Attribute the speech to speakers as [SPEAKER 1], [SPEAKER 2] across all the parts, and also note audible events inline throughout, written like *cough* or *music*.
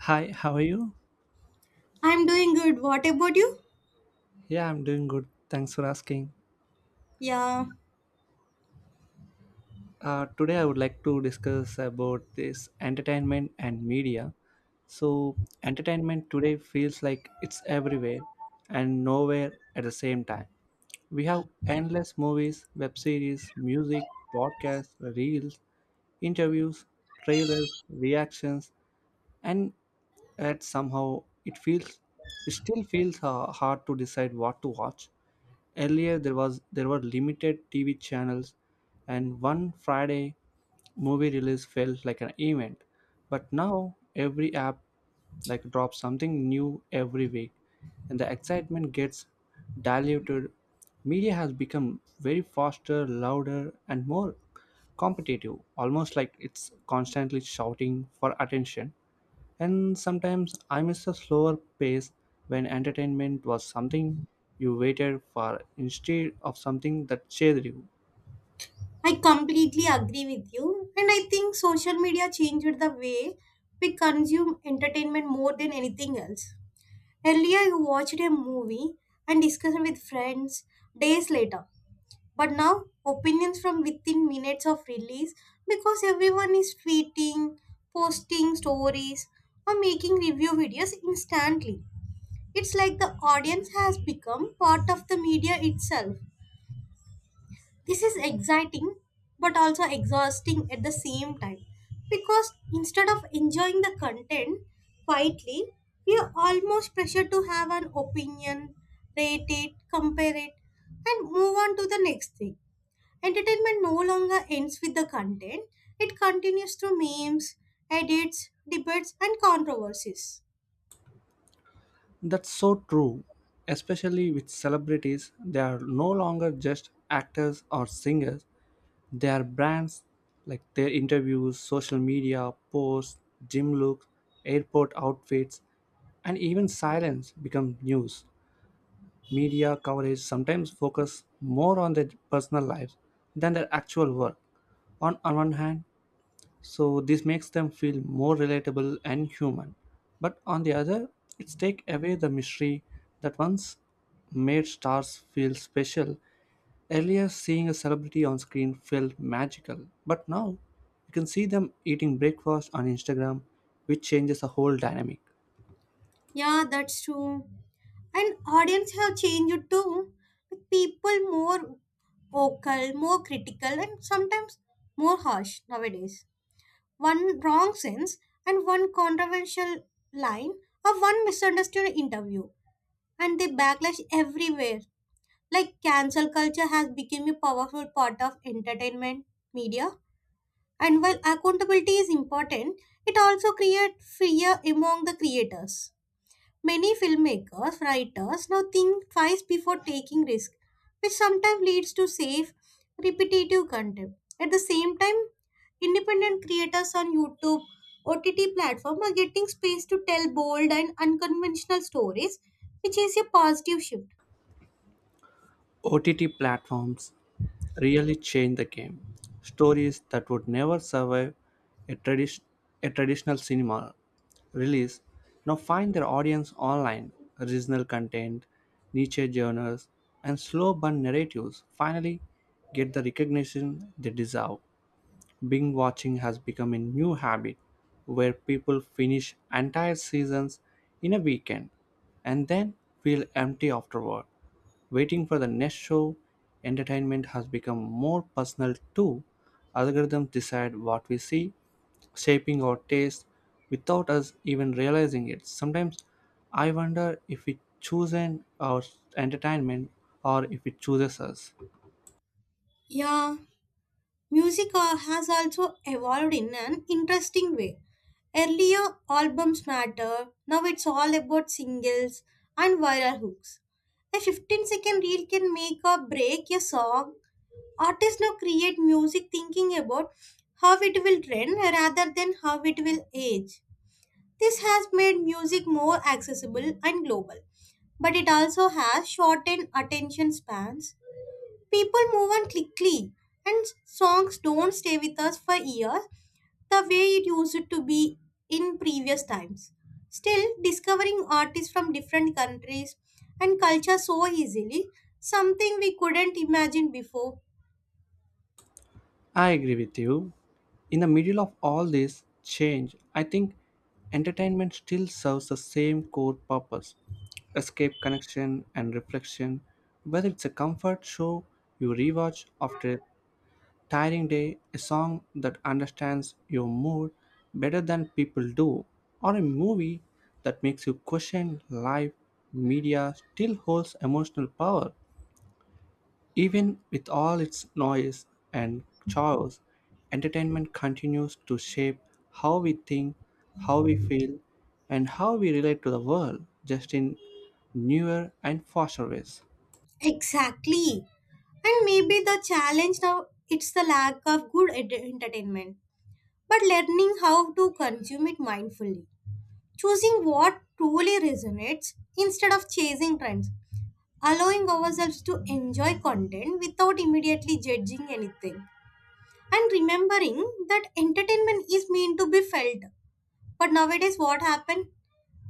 [SPEAKER 1] Hi, how are you?
[SPEAKER 2] I'm doing good. What about you?
[SPEAKER 1] Yeah, I'm doing good. Thanks for asking.
[SPEAKER 2] Yeah,
[SPEAKER 1] Today, I would like to discuss about this entertainment and media. So, entertainment today feels like it's everywhere and nowhere at the same time. We have endless movies, web series, music, podcasts, reels, interviews, trailers, reactions, and yet somehow it still feels hard to decide what to watch. Earlier there were limited TV channels, and one Friday movie release felt like an event, but now every app like drops something new every week, and the excitement gets diluted. Media has become very faster, louder, and more competitive, almost like it's constantly shouting for attention. And sometimes I miss the slower pace when entertainment was something you waited for instead of something that chased you.
[SPEAKER 2] I completely agree with you. And I think social media changed the way we consume entertainment more than anything else. Earlier, you watched a movie and discussed with friends days later. But now, opinions from within minutes of release because everyone is tweeting, posting stories, or making review videos instantly. It's like the audience has become part of the media itself. This is exciting but also exhausting at the same time because instead of enjoying the content quietly, we are almost pressured to have an opinion, rate it, compare it, and move on to the next thing. Entertainment no longer ends with the content, it continues through memes, edits, debates, and controversies.
[SPEAKER 1] That's so true, especially with celebrities. They are no longer just actors or singers, they are brands like their interviews, social media, posts, gym looks, airport outfits, and even silence become news. Media coverage sometimes focus more on their personal lives than their actual work. On one hand, so this makes them feel more relatable and human, but on the other, it's take away the mystery that once made stars feel special. Earlier seeing a celebrity on screen felt magical, but now you can see them eating breakfast on Instagram, which changes the whole dynamic.
[SPEAKER 2] Yeah, that's true. And audience have changed too, with people more vocal, more critical, and sometimes more harsh nowadays. One wrong sense and one controversial line or one misunderstood interview, and they backlash everywhere. Like cancel culture has become a powerful part of entertainment media, and while accountability is important, it also creates fear among the creators. Many filmmakers, writers now think twice before taking risks, which sometimes leads to safe, repetitive content. At the same time, independent creators on YouTube, OTT platform are getting space to tell bold and unconventional stories, which is a positive shift.
[SPEAKER 1] OTT platforms really changed the game. Stories that would never survive a, tradi- a traditional cinema release now find their audience online. Original content, niche genres, and slow burn narratives finally get the recognition they deserve. Binge watching has become a new habit where people finish entire seasons in a weekend and then feel empty afterward. Waiting for the next show, entertainment has become more personal too. Algorithms decide what we see, shaping our taste without us even realizing it. Sometimes I wonder if we choose our entertainment or if it chooses us.
[SPEAKER 2] Yeah, music has also evolved in an interesting way. Earlier, albums matter. Now it's all about singles and viral hooks. A 15-second reel can make or break a song. Artists now create music thinking about how it will trend rather than how it will age. This has made music more accessible and global, but it also has shortened attention spans. People move on quickly, and songs don't stay with us for years the way it used to be in previous times. Still, discovering artists from different countries and culture so easily, something we couldn't imagine before.
[SPEAKER 1] I agree with you. In the middle of all this change, I think entertainment still serves the same core purpose: escape, connection, and reflection. Whether it's a comfort show you rewatch after a tiring day, a song that understands your mood better than people do, or a movie that makes you question life, media still holds emotional power. Even with all its noise and chaos, entertainment continues to shape how we think, how we feel, and how we relate to the world, just in newer and faster ways.
[SPEAKER 2] Exactly. And maybe the challenge now it's the lack of good entertainment, but learning how to consume it mindfully, choosing what truly resonates instead of chasing trends, allowing ourselves to enjoy content without immediately judging anything, and remembering that entertainment is meant to be felt. But nowadays what happened,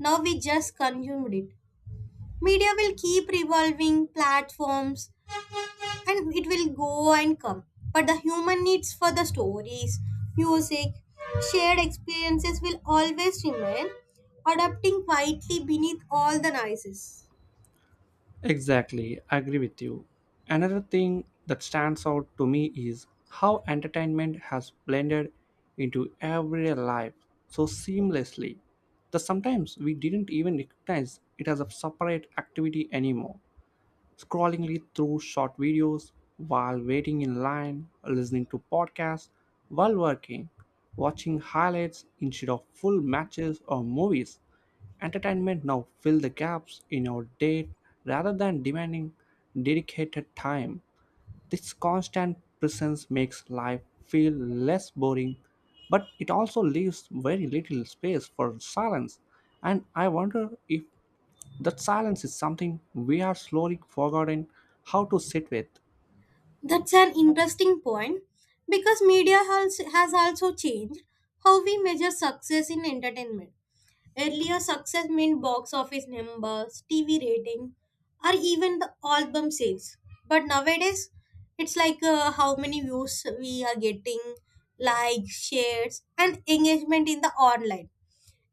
[SPEAKER 2] now we just consumed it. Media will keep revolving platforms, and it will go and come, but the human needs for the stories, music, shared experiences will always remain, adapting quietly beneath all the noises.
[SPEAKER 1] Exactly, I agree with you. Another thing that stands out to me is how entertainment has blended into everyday life so seamlessly that sometimes we didn't even recognize it as a separate activity anymore. Scrolling through short videos while waiting in line, listening to podcasts while working, watching highlights instead of full matches or movies. Entertainment now fills the gaps in our day rather than demanding dedicated time. This constant presence makes life feel less boring, but it also leaves very little space for silence. And I wonder if that silence is something we are slowly forgotten how to sit with.
[SPEAKER 2] That's an interesting point because media has also changed how we measure success in entertainment. Earlier success meant box office numbers, TV rating, or even the album sales. But nowadays, it's like how many views we are getting, likes, shares, and engagement in the online.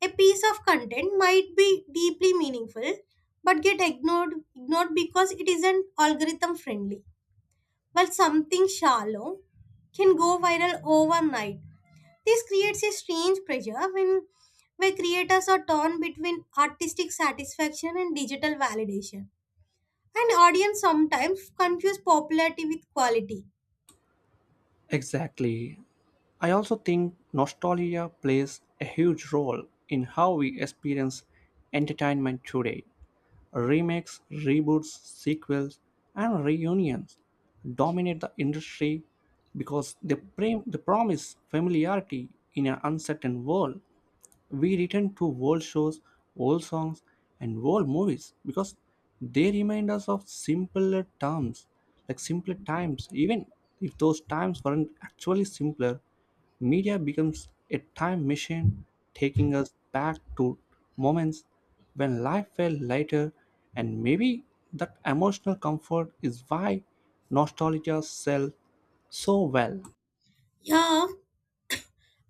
[SPEAKER 2] A piece of content might be deeply meaningful, but get ignored because it isn't algorithm friendly. While something shallow can go viral overnight. This creates a strange pressure when where creators are torn between artistic satisfaction and digital validation. And audience sometimes confuse popularity with quality.
[SPEAKER 1] Exactly. I also think nostalgia plays a huge role in how we experience entertainment today. Remakes, reboots, sequels, and reunions dominate the industry because they promise familiarity in an uncertain world. We return to old shows, old songs, and old movies because they remind us of simpler terms, like simpler times. Even if those times weren't actually simpler, media becomes a time machine, taking us back to moments when life felt lighter, and maybe that emotional comfort is why nostalgia sells so well.
[SPEAKER 2] Yeah,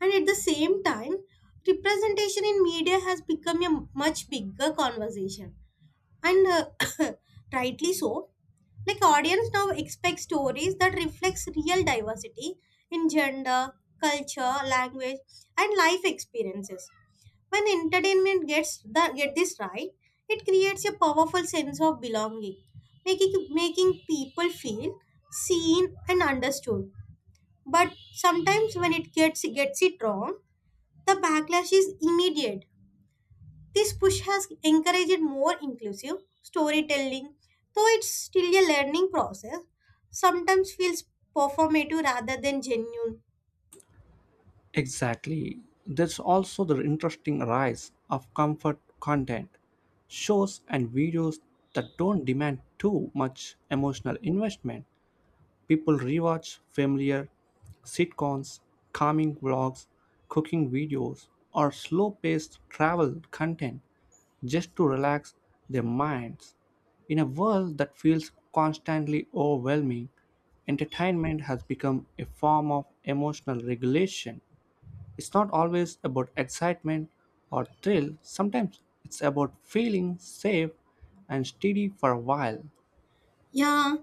[SPEAKER 2] and at the same time, representation in media has become a much bigger conversation, and rightly so. Like audience now expect stories that reflects real diversity in gender, culture, language, and life experiences. When entertainment gets the get this right, it creates a powerful sense of belonging, making people feel seen and understood. But sometimes when it gets it wrong, the backlash is immediate. This push has encouraged more inclusive storytelling, though it's still a learning process. Sometimes feels performative rather than genuine.
[SPEAKER 1] Exactly. There's also the interesting rise of comfort content, shows and videos that don't demand too much emotional investment. People rewatch familiar sitcoms, calming vlogs, cooking videos, or slow paced travel content just to relax their minds. In a world that feels constantly overwhelming, entertainment has become a form of emotional regulation. It's not always about excitement or thrill, sometimes it's about feeling safe and steady for a while.
[SPEAKER 2] Yeah,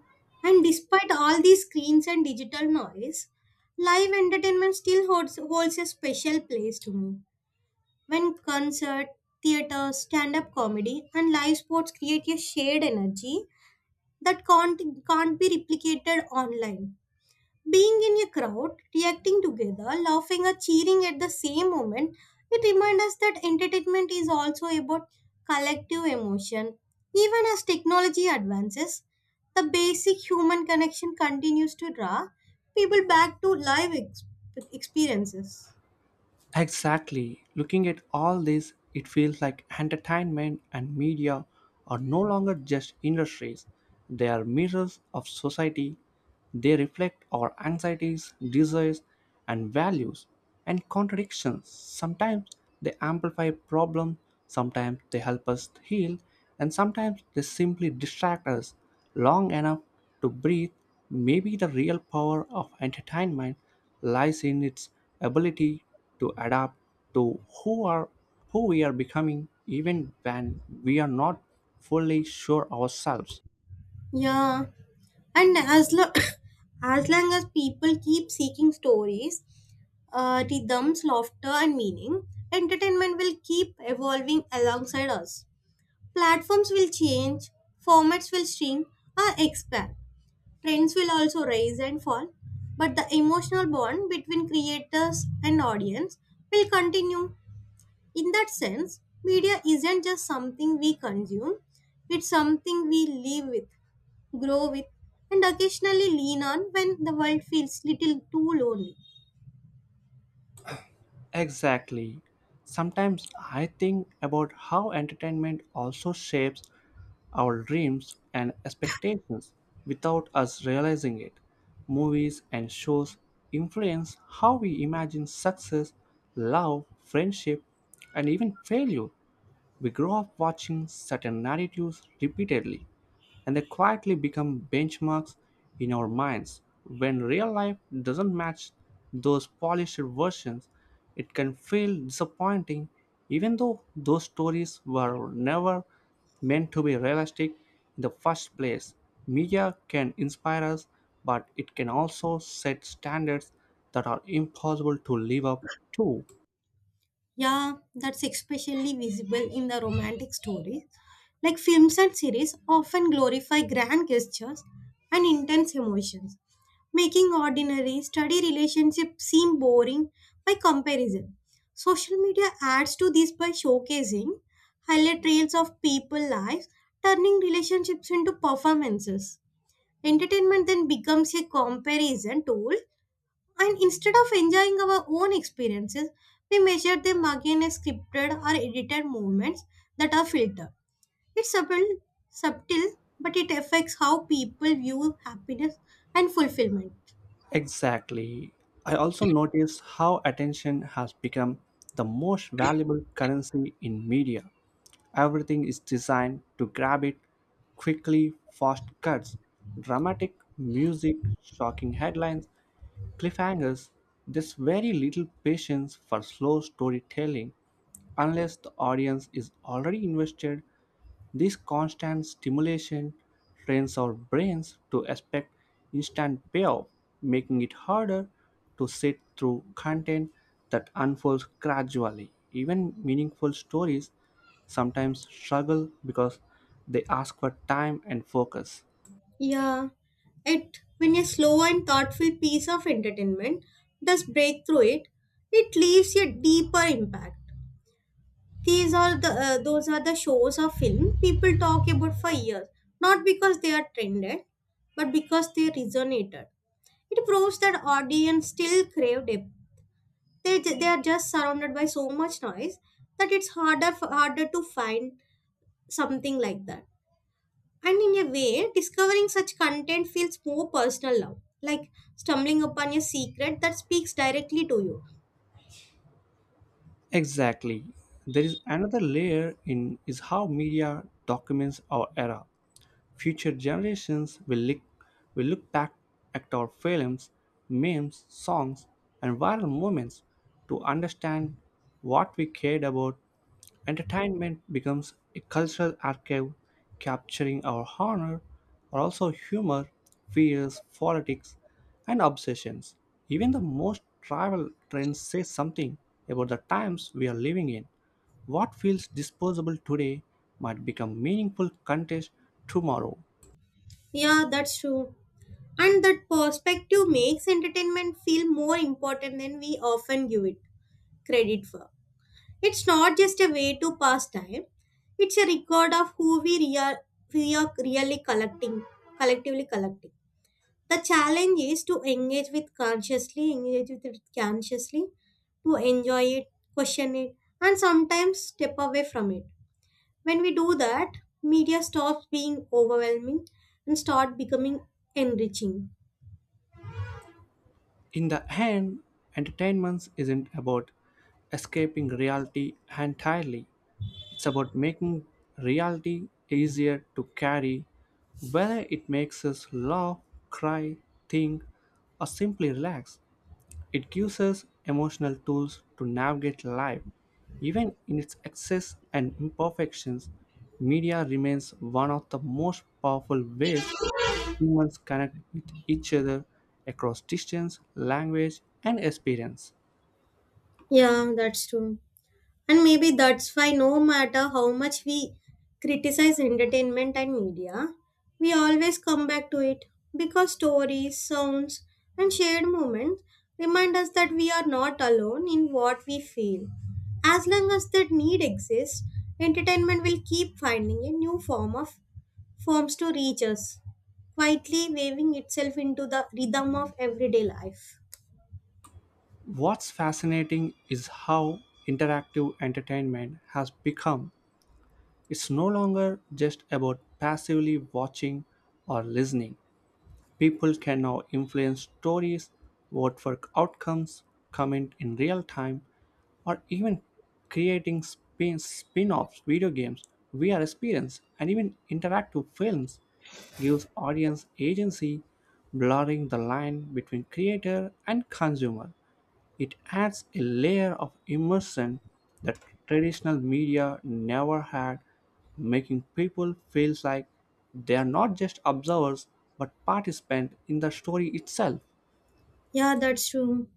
[SPEAKER 2] and despite all these screens and digital noise, live entertainment still holds a special place to me. When concert, theater, stand-up comedy, and live sports create a shared energy that can't be replicated online. Being in a crowd, reacting together, laughing or cheering at the same moment, it reminds us that entertainment is also about collective emotion. Even as technology advances, the basic human connection continues to draw people back to live experiences.
[SPEAKER 1] Exactly. Looking at all this, it feels like entertainment and media are no longer just industries. They are mirrors of society. They reflect our anxieties, desires, and values, and contradictions. Sometimes they amplify problems, sometimes they help us heal, and sometimes they simply distract us long enough to breathe. Maybe the real power of entertainment lies in its ability to adapt to who we are becoming, even when we are not fully sure ourselves.
[SPEAKER 2] Yeah, and *coughs* as long as people keep seeking stories, rhythms, laughter, and meaning, entertainment will keep evolving alongside us. Platforms will change, formats will shrink or expand. Trends will also rise and fall, but the emotional bond between creators and audience will continue. In that sense, media isn't just something we consume, it's something we live with, grow with, and occasionally lean on when the world feels little too lonely.
[SPEAKER 1] Exactly. Sometimes I think about how entertainment also shapes our dreams and expectations without us realizing it. Movies and shows influence how we imagine success, love, friendship, and even failure. We grow up watching certain narratives repeatedly, and they quietly become benchmarks in our minds. When real life doesn't match those polished versions, it can feel disappointing, even though those stories were never meant to be realistic in the first place. Media can inspire us, but it can also set standards that are impossible to live up to.
[SPEAKER 2] Yeah, that's especially visible in the romantic stories. Like films and series often glorify grand gestures and intense emotions, making ordinary, steady relationships seem boring by comparison. Social media adds to this by showcasing highlight reels of people lives, turning relationships into performances. Entertainment then becomes a comparison tool and instead of enjoying our own experiences, we measure them against scripted or edited movements that are filtered. It's subtle, but it affects how people view happiness and fulfillment.
[SPEAKER 1] Exactly. I also notice how attention has become the most valuable currency in media. Everything is designed to grab it quickly, fast cuts, dramatic music, shocking headlines, cliffhangers. There's very little patience for slow storytelling unless the audience is already invested. This constant stimulation trains our brains to expect instant payoff, making it harder to sit through content that unfolds gradually. Even meaningful stories sometimes struggle because they ask for time and focus.
[SPEAKER 2] Yeah, it when a slow and thoughtful piece of entertainment does break through it, it leaves a deeper impact. These are the those are the shows or film people talk about for years, not because they are trended, but because they resonated. It proves that audience still crave depth. They are just surrounded by so much noise that it's harder to find something like that. And in a way, discovering such content feels more personal now, like stumbling upon a secret that speaks directly to you.
[SPEAKER 1] Exactly. There is another layer in is how media documents our era. Future generations will look back at our films, memes, songs, and viral moments to understand what we cared about. Entertainment becomes a cultural archive capturing our honor, or also humor, fears, politics, and obsessions. Even the most travel trends say something about the times we are living in. What feels disposable today might become meaningful content tomorrow.
[SPEAKER 2] Yeah, that's true. And that perspective makes entertainment feel more important than we often give it credit for. It's not just a way to pass time, it's a record of we are really collectively collecting. The challenge is to engage with it consciously, to enjoy it, question it, and sometimes step away from it. When we do that, media stops being overwhelming and start becoming enriching.
[SPEAKER 1] In the end, entertainment isn't about escaping reality entirely. It's about making reality easier to carry, whether it makes us laugh, cry, think, or simply relax. It gives us emotional tools to navigate life. Even in its excess and imperfections, media remains one of the most powerful ways humans connect with each other across distance, language, and experience.
[SPEAKER 2] Yeah, that's true. And maybe that's why, no matter how much we criticize entertainment and media, we always come back to it because stories, sounds, and shared moments remind us that we are not alone in what we feel. As long as that need exists, entertainment will keep finding a new form of forms to reach us, quietly weaving itself into the rhythm of everyday life.
[SPEAKER 1] What's fascinating is how interactive entertainment has become. It's no longer just about passively watching or listening. People can now influence stories, vote for outcomes, comment in real time, or even creating spin-offs, video games, VR experience, and even interactive films gives audience agency, blurring the line between creator and consumer. It adds a layer of immersion that traditional media never had, making people feel like they are not just observers but participants in the story itself.
[SPEAKER 2] Yeah, that's true.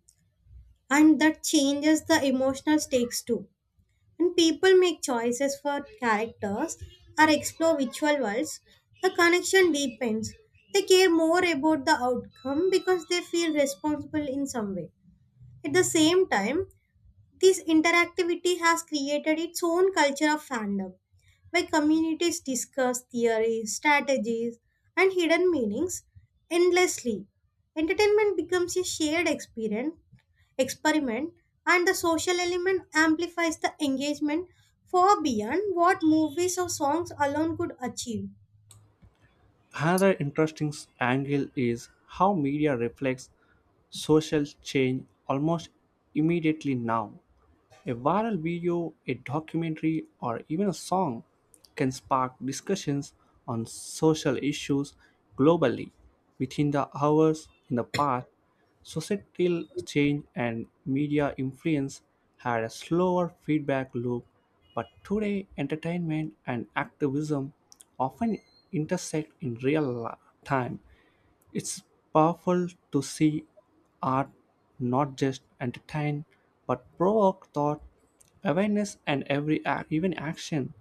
[SPEAKER 2] And that changes the emotional stakes too. When people make choices for characters or explore virtual worlds, the connection deepens. They care more about the outcome because they feel responsible in some way. At the same time, this interactivity has created its own culture of fandom, where communities discuss theories, strategies, and hidden meanings endlessly. Entertainment becomes a shared experience experiment and the social element amplifies the engagement far beyond what movies or songs alone could achieve.
[SPEAKER 1] Another interesting angle is how media reflects social change almost immediately now. A viral video, a documentary, or even a song can spark discussions on social issues globally. Within the hours in the past, societal change and media influence had a slower feedback loop, but today entertainment and activism often intersect in time. It's powerful to see art not just entertain but provoke thought, awareness, and even action.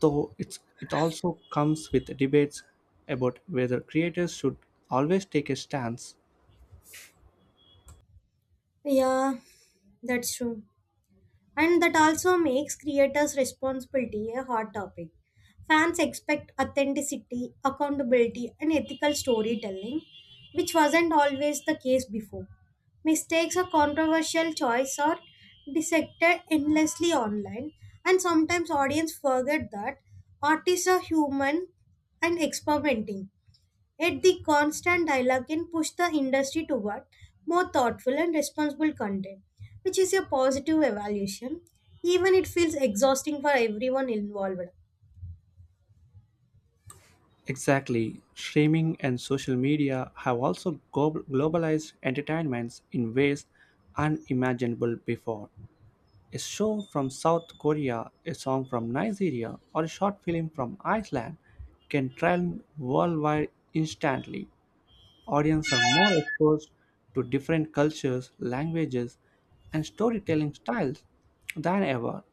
[SPEAKER 1] Though it also comes with debates about whether creators should always take a stance.
[SPEAKER 2] Yeah, that's true. And that also makes creators' responsibility a hot topic. Fans expect authenticity, accountability, and ethical storytelling, which wasn't always the case before. Mistakes or controversial choice are dissected endlessly online, and sometimes audience forget that artists are human and experimenting. Yet the constant dialogue can push the industry toward more thoughtful and responsible content, which is a positive evaluation, even it feels exhausting for everyone involved.
[SPEAKER 1] Exactly, streaming and social media have also globalized entertainments in ways unimaginable before. A show from South Korea, a song from Nigeria, or a short film from Iceland can trend worldwide instantly. Audience are more exposed to different cultures, languages, and storytelling styles than ever.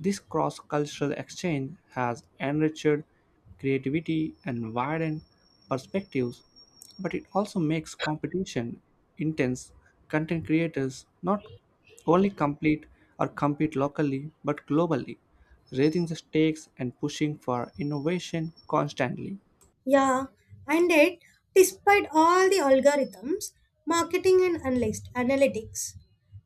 [SPEAKER 1] This cross cultural exchange has enriched creativity and widened perspectives, but it also makes competition intense. Content creators not only complete or compete locally but globally, raising the stakes and pushing for innovation constantly.
[SPEAKER 2] Yeah, and yet, despite all the algorithms, marketing and analytics,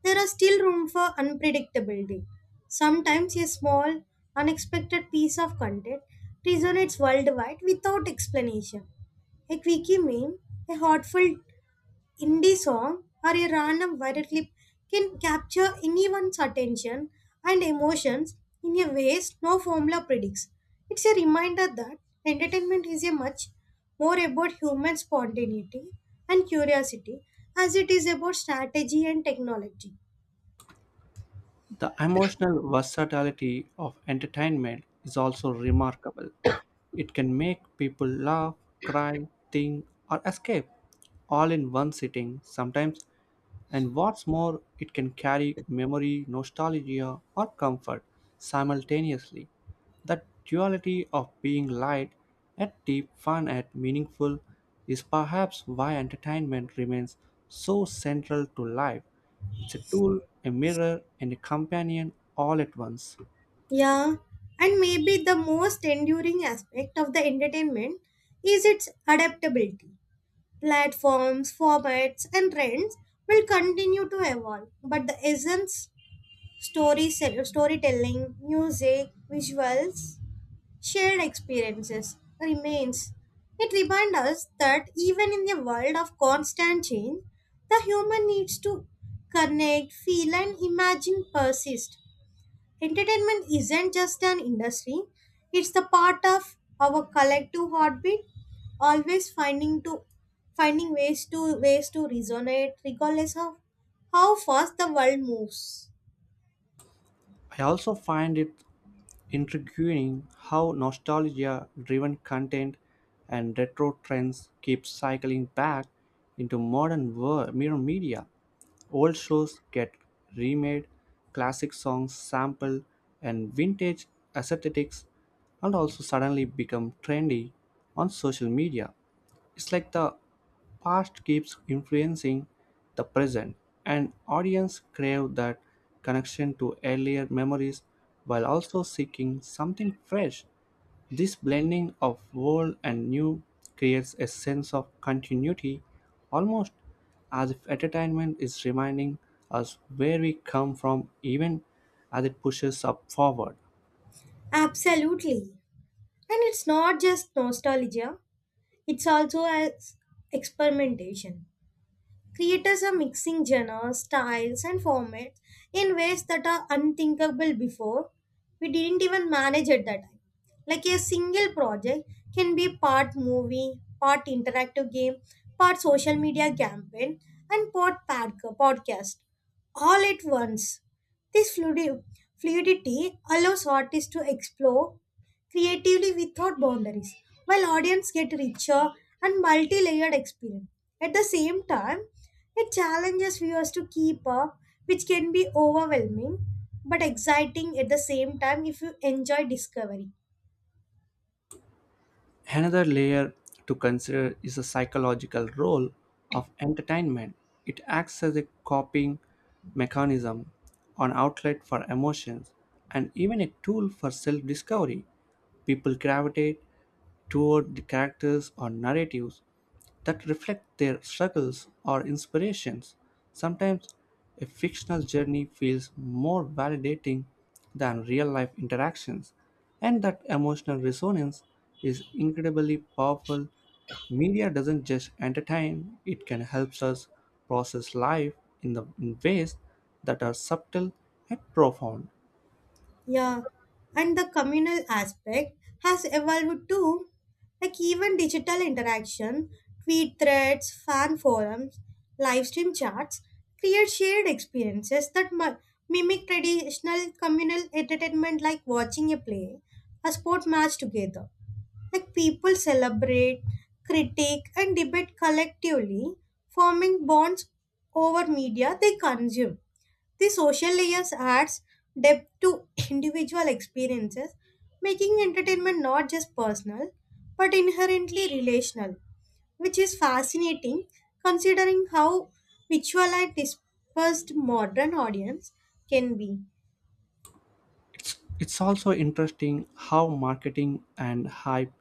[SPEAKER 2] there are still room for unpredictability. Sometimes a small, unexpected piece of content resonates worldwide without explanation. A quickie meme, a heartful indie song or a random viral clip can capture anyone's attention and emotions in a ways no formula predicts. It's a reminder that entertainment is a much more about human spontaneity and curiosity as it is about strategy and technology.
[SPEAKER 1] The emotional versatility of entertainment is also remarkable. It can make people laugh, cry, think, or escape all in one sitting sometimes. And what's more, it can carry memory, nostalgia, or comfort simultaneously. That duality of being light at deep, fun at meaningful is perhaps why entertainment remains so central to life. It's a tool, a mirror, and a companion all at once.
[SPEAKER 2] Yeah, and maybe the most enduring aspect of the entertainment is its adaptability. Platforms, formats, and trends will continue to evolve, but the essence storytelling, music, visuals, shared experiences remains. It reminds us that even in the world of constant change, the human needs to connect, feel, and imagine persist. Entertainment isn't just an industry, it's the part of our collective heartbeat, always finding ways to resonate regardless of how fast the world moves.
[SPEAKER 1] I also find it intriguing how nostalgia-driven content and retro trends keep cycling back into mirror media. Old shows get remade, classic songs sampled, and vintage aesthetics and also suddenly become trendy on social media. It's like the past keeps influencing the present, and audience crave that connection to earlier memories while also seeking something fresh. This blending of old and new creates a sense of continuity, almost as if entertainment is reminding us where we come from, even as it pushes us forward.
[SPEAKER 2] Absolutely. And it's not just nostalgia, it's also as experimentation. Creators are mixing genres, styles, and formats in ways that are unthinkable before. We didn't even manage at that time. Like a single project can be part movie, part interactive game, part social media campaign, and podcast all at once. This fluidity allows artists to explore creatively without boundaries, while audience get richer and multi-layered experience. At the same time, it challenges viewers to keep up, which can be overwhelming but exciting at the same time if you enjoy discovery.
[SPEAKER 1] Another layer to consider is the psychological role of entertainment. It acts as a coping mechanism, an outlet for emotions, and even a tool for self discovery. People gravitate toward the characters or narratives that reflect their struggles or inspirations. Sometimes a fictional journey feels more validating than real life interactions, and that emotional resonance is incredibly powerful. Media doesn't just entertain, it can help us process life in ways that are subtle and profound.
[SPEAKER 2] Yeah, and the communal aspect has evolved too. Like even digital interaction, tweet threads, fan forums, live stream chats create shared experiences that mimic traditional communal entertainment like watching a play, a sport match together. Like people celebrate, critique, and debate collectively, forming bonds over media they consume. The social layers adds depth to *clears throat* individual experiences, making entertainment not just personal but inherently relational, which is fascinating considering how visual and dispersed modern audience can be.
[SPEAKER 1] It's also interesting how marketing and hype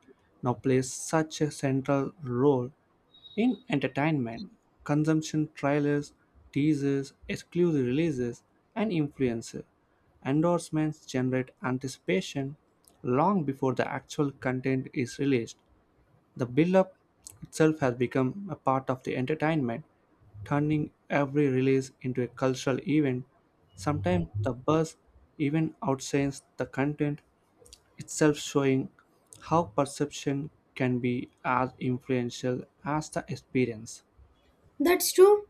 [SPEAKER 1] now plays such a central role in entertainment, consumption trailers, teasers, exclusive releases, and influencer endorsements generate anticipation long before the actual content is released. The build-up itself has become a part of the entertainment, turning every release into a cultural event. Sometimes the buzz even outshines the content itself, showing how perception can be as influential as the experience.
[SPEAKER 2] That's true,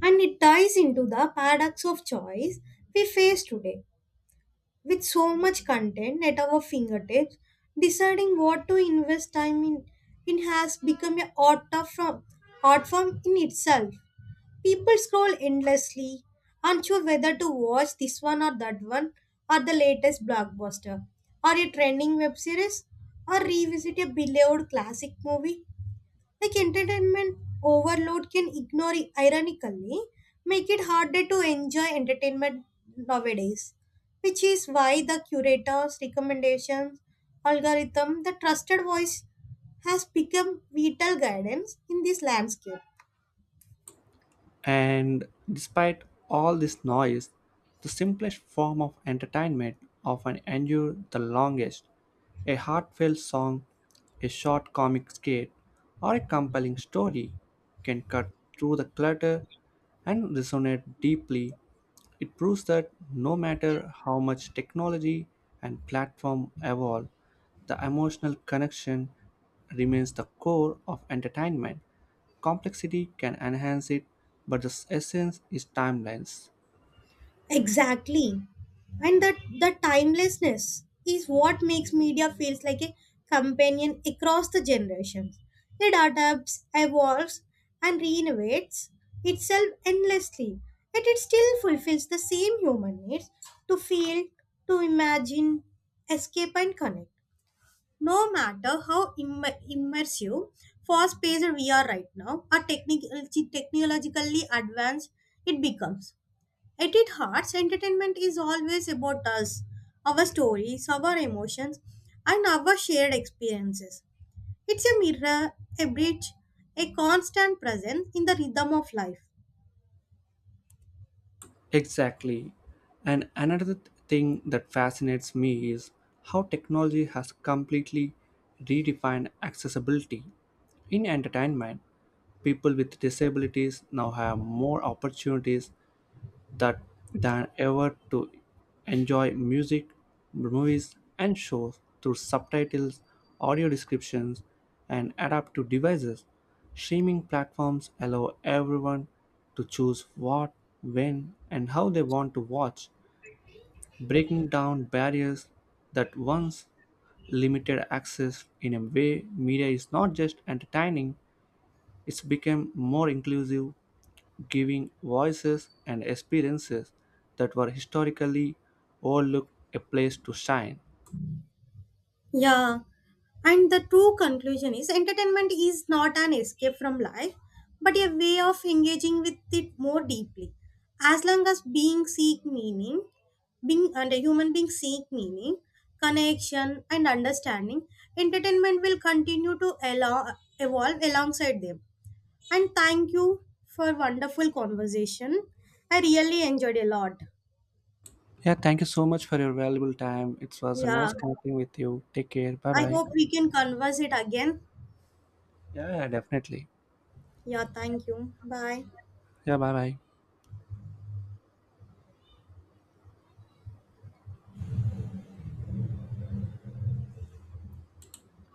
[SPEAKER 2] and it ties into the paradox of choice we face today. With so much content at our fingertips, deciding what to in, has become an art of form, art form in itself. People scroll endlessly, unsure whether to watch this one or that one, or the latest blockbuster, or a trending web series, or revisit a beloved classic movie like entertainment overload can ignore ironically make it harder to enjoy entertainment nowadays, which is why the curator's recommendations algorithm, the trusted voice, has become vital guidance in this landscape.
[SPEAKER 1] And despite all this noise, the simplest form of entertainment often endures the longest. A heartfelt song, a short comic skit, or a compelling story can cut through the clutter and resonate deeply. It proves that no matter how much technology and platform evolve, the emotional connection remains the core of entertainment. Complexity can enhance it, but the essence is timelines.
[SPEAKER 2] Exactly. And that the timelessness is what makes media feels like a companion across the generations. It adapts, evolves, and renovates itself endlessly. Yet it still fulfills the same human needs to feel, to imagine, escape, and connect. No matter how immersive, fast paced we are right now, or technologically advanced it becomes. At its heart, entertainment is always about us, our stories, our emotions, and our shared experiences. It's a mirror, a bridge, a constant presence in the rhythm of life.
[SPEAKER 1] Exactly. And thing that fascinates me is how technology has completely redefined accessibility. In entertainment, people with disabilities now have more opportunities that than ever to enjoy music, movies, and shows through subtitles, audio descriptions, and adaptive devices. Streaming platforms allow everyone to choose what, when, and how they want to watch, breaking down barriers that once limited access. In a way media is not just entertaining, it's become more inclusive, giving voices and experiences that were historically overlooked a place to shine.
[SPEAKER 2] Yeah, and the true conclusion is entertainment is not an escape from life, but a way of engaging with it more deeply. As long as being and a human being seek meaning, connection, and understanding, entertainment will evolve alongside them. And thank you for wonderful conversation. I really enjoyed a lot.
[SPEAKER 1] Yeah, thank you so much for your valuable time. It was a
[SPEAKER 2] Yeah,
[SPEAKER 1] nice connecting with you. Take care. Bye
[SPEAKER 2] I
[SPEAKER 1] bye.
[SPEAKER 2] hope we can converse it again.
[SPEAKER 1] Yeah, yeah, definitely.
[SPEAKER 2] Yeah, thank you. Bye.
[SPEAKER 1] Yeah, bye bye.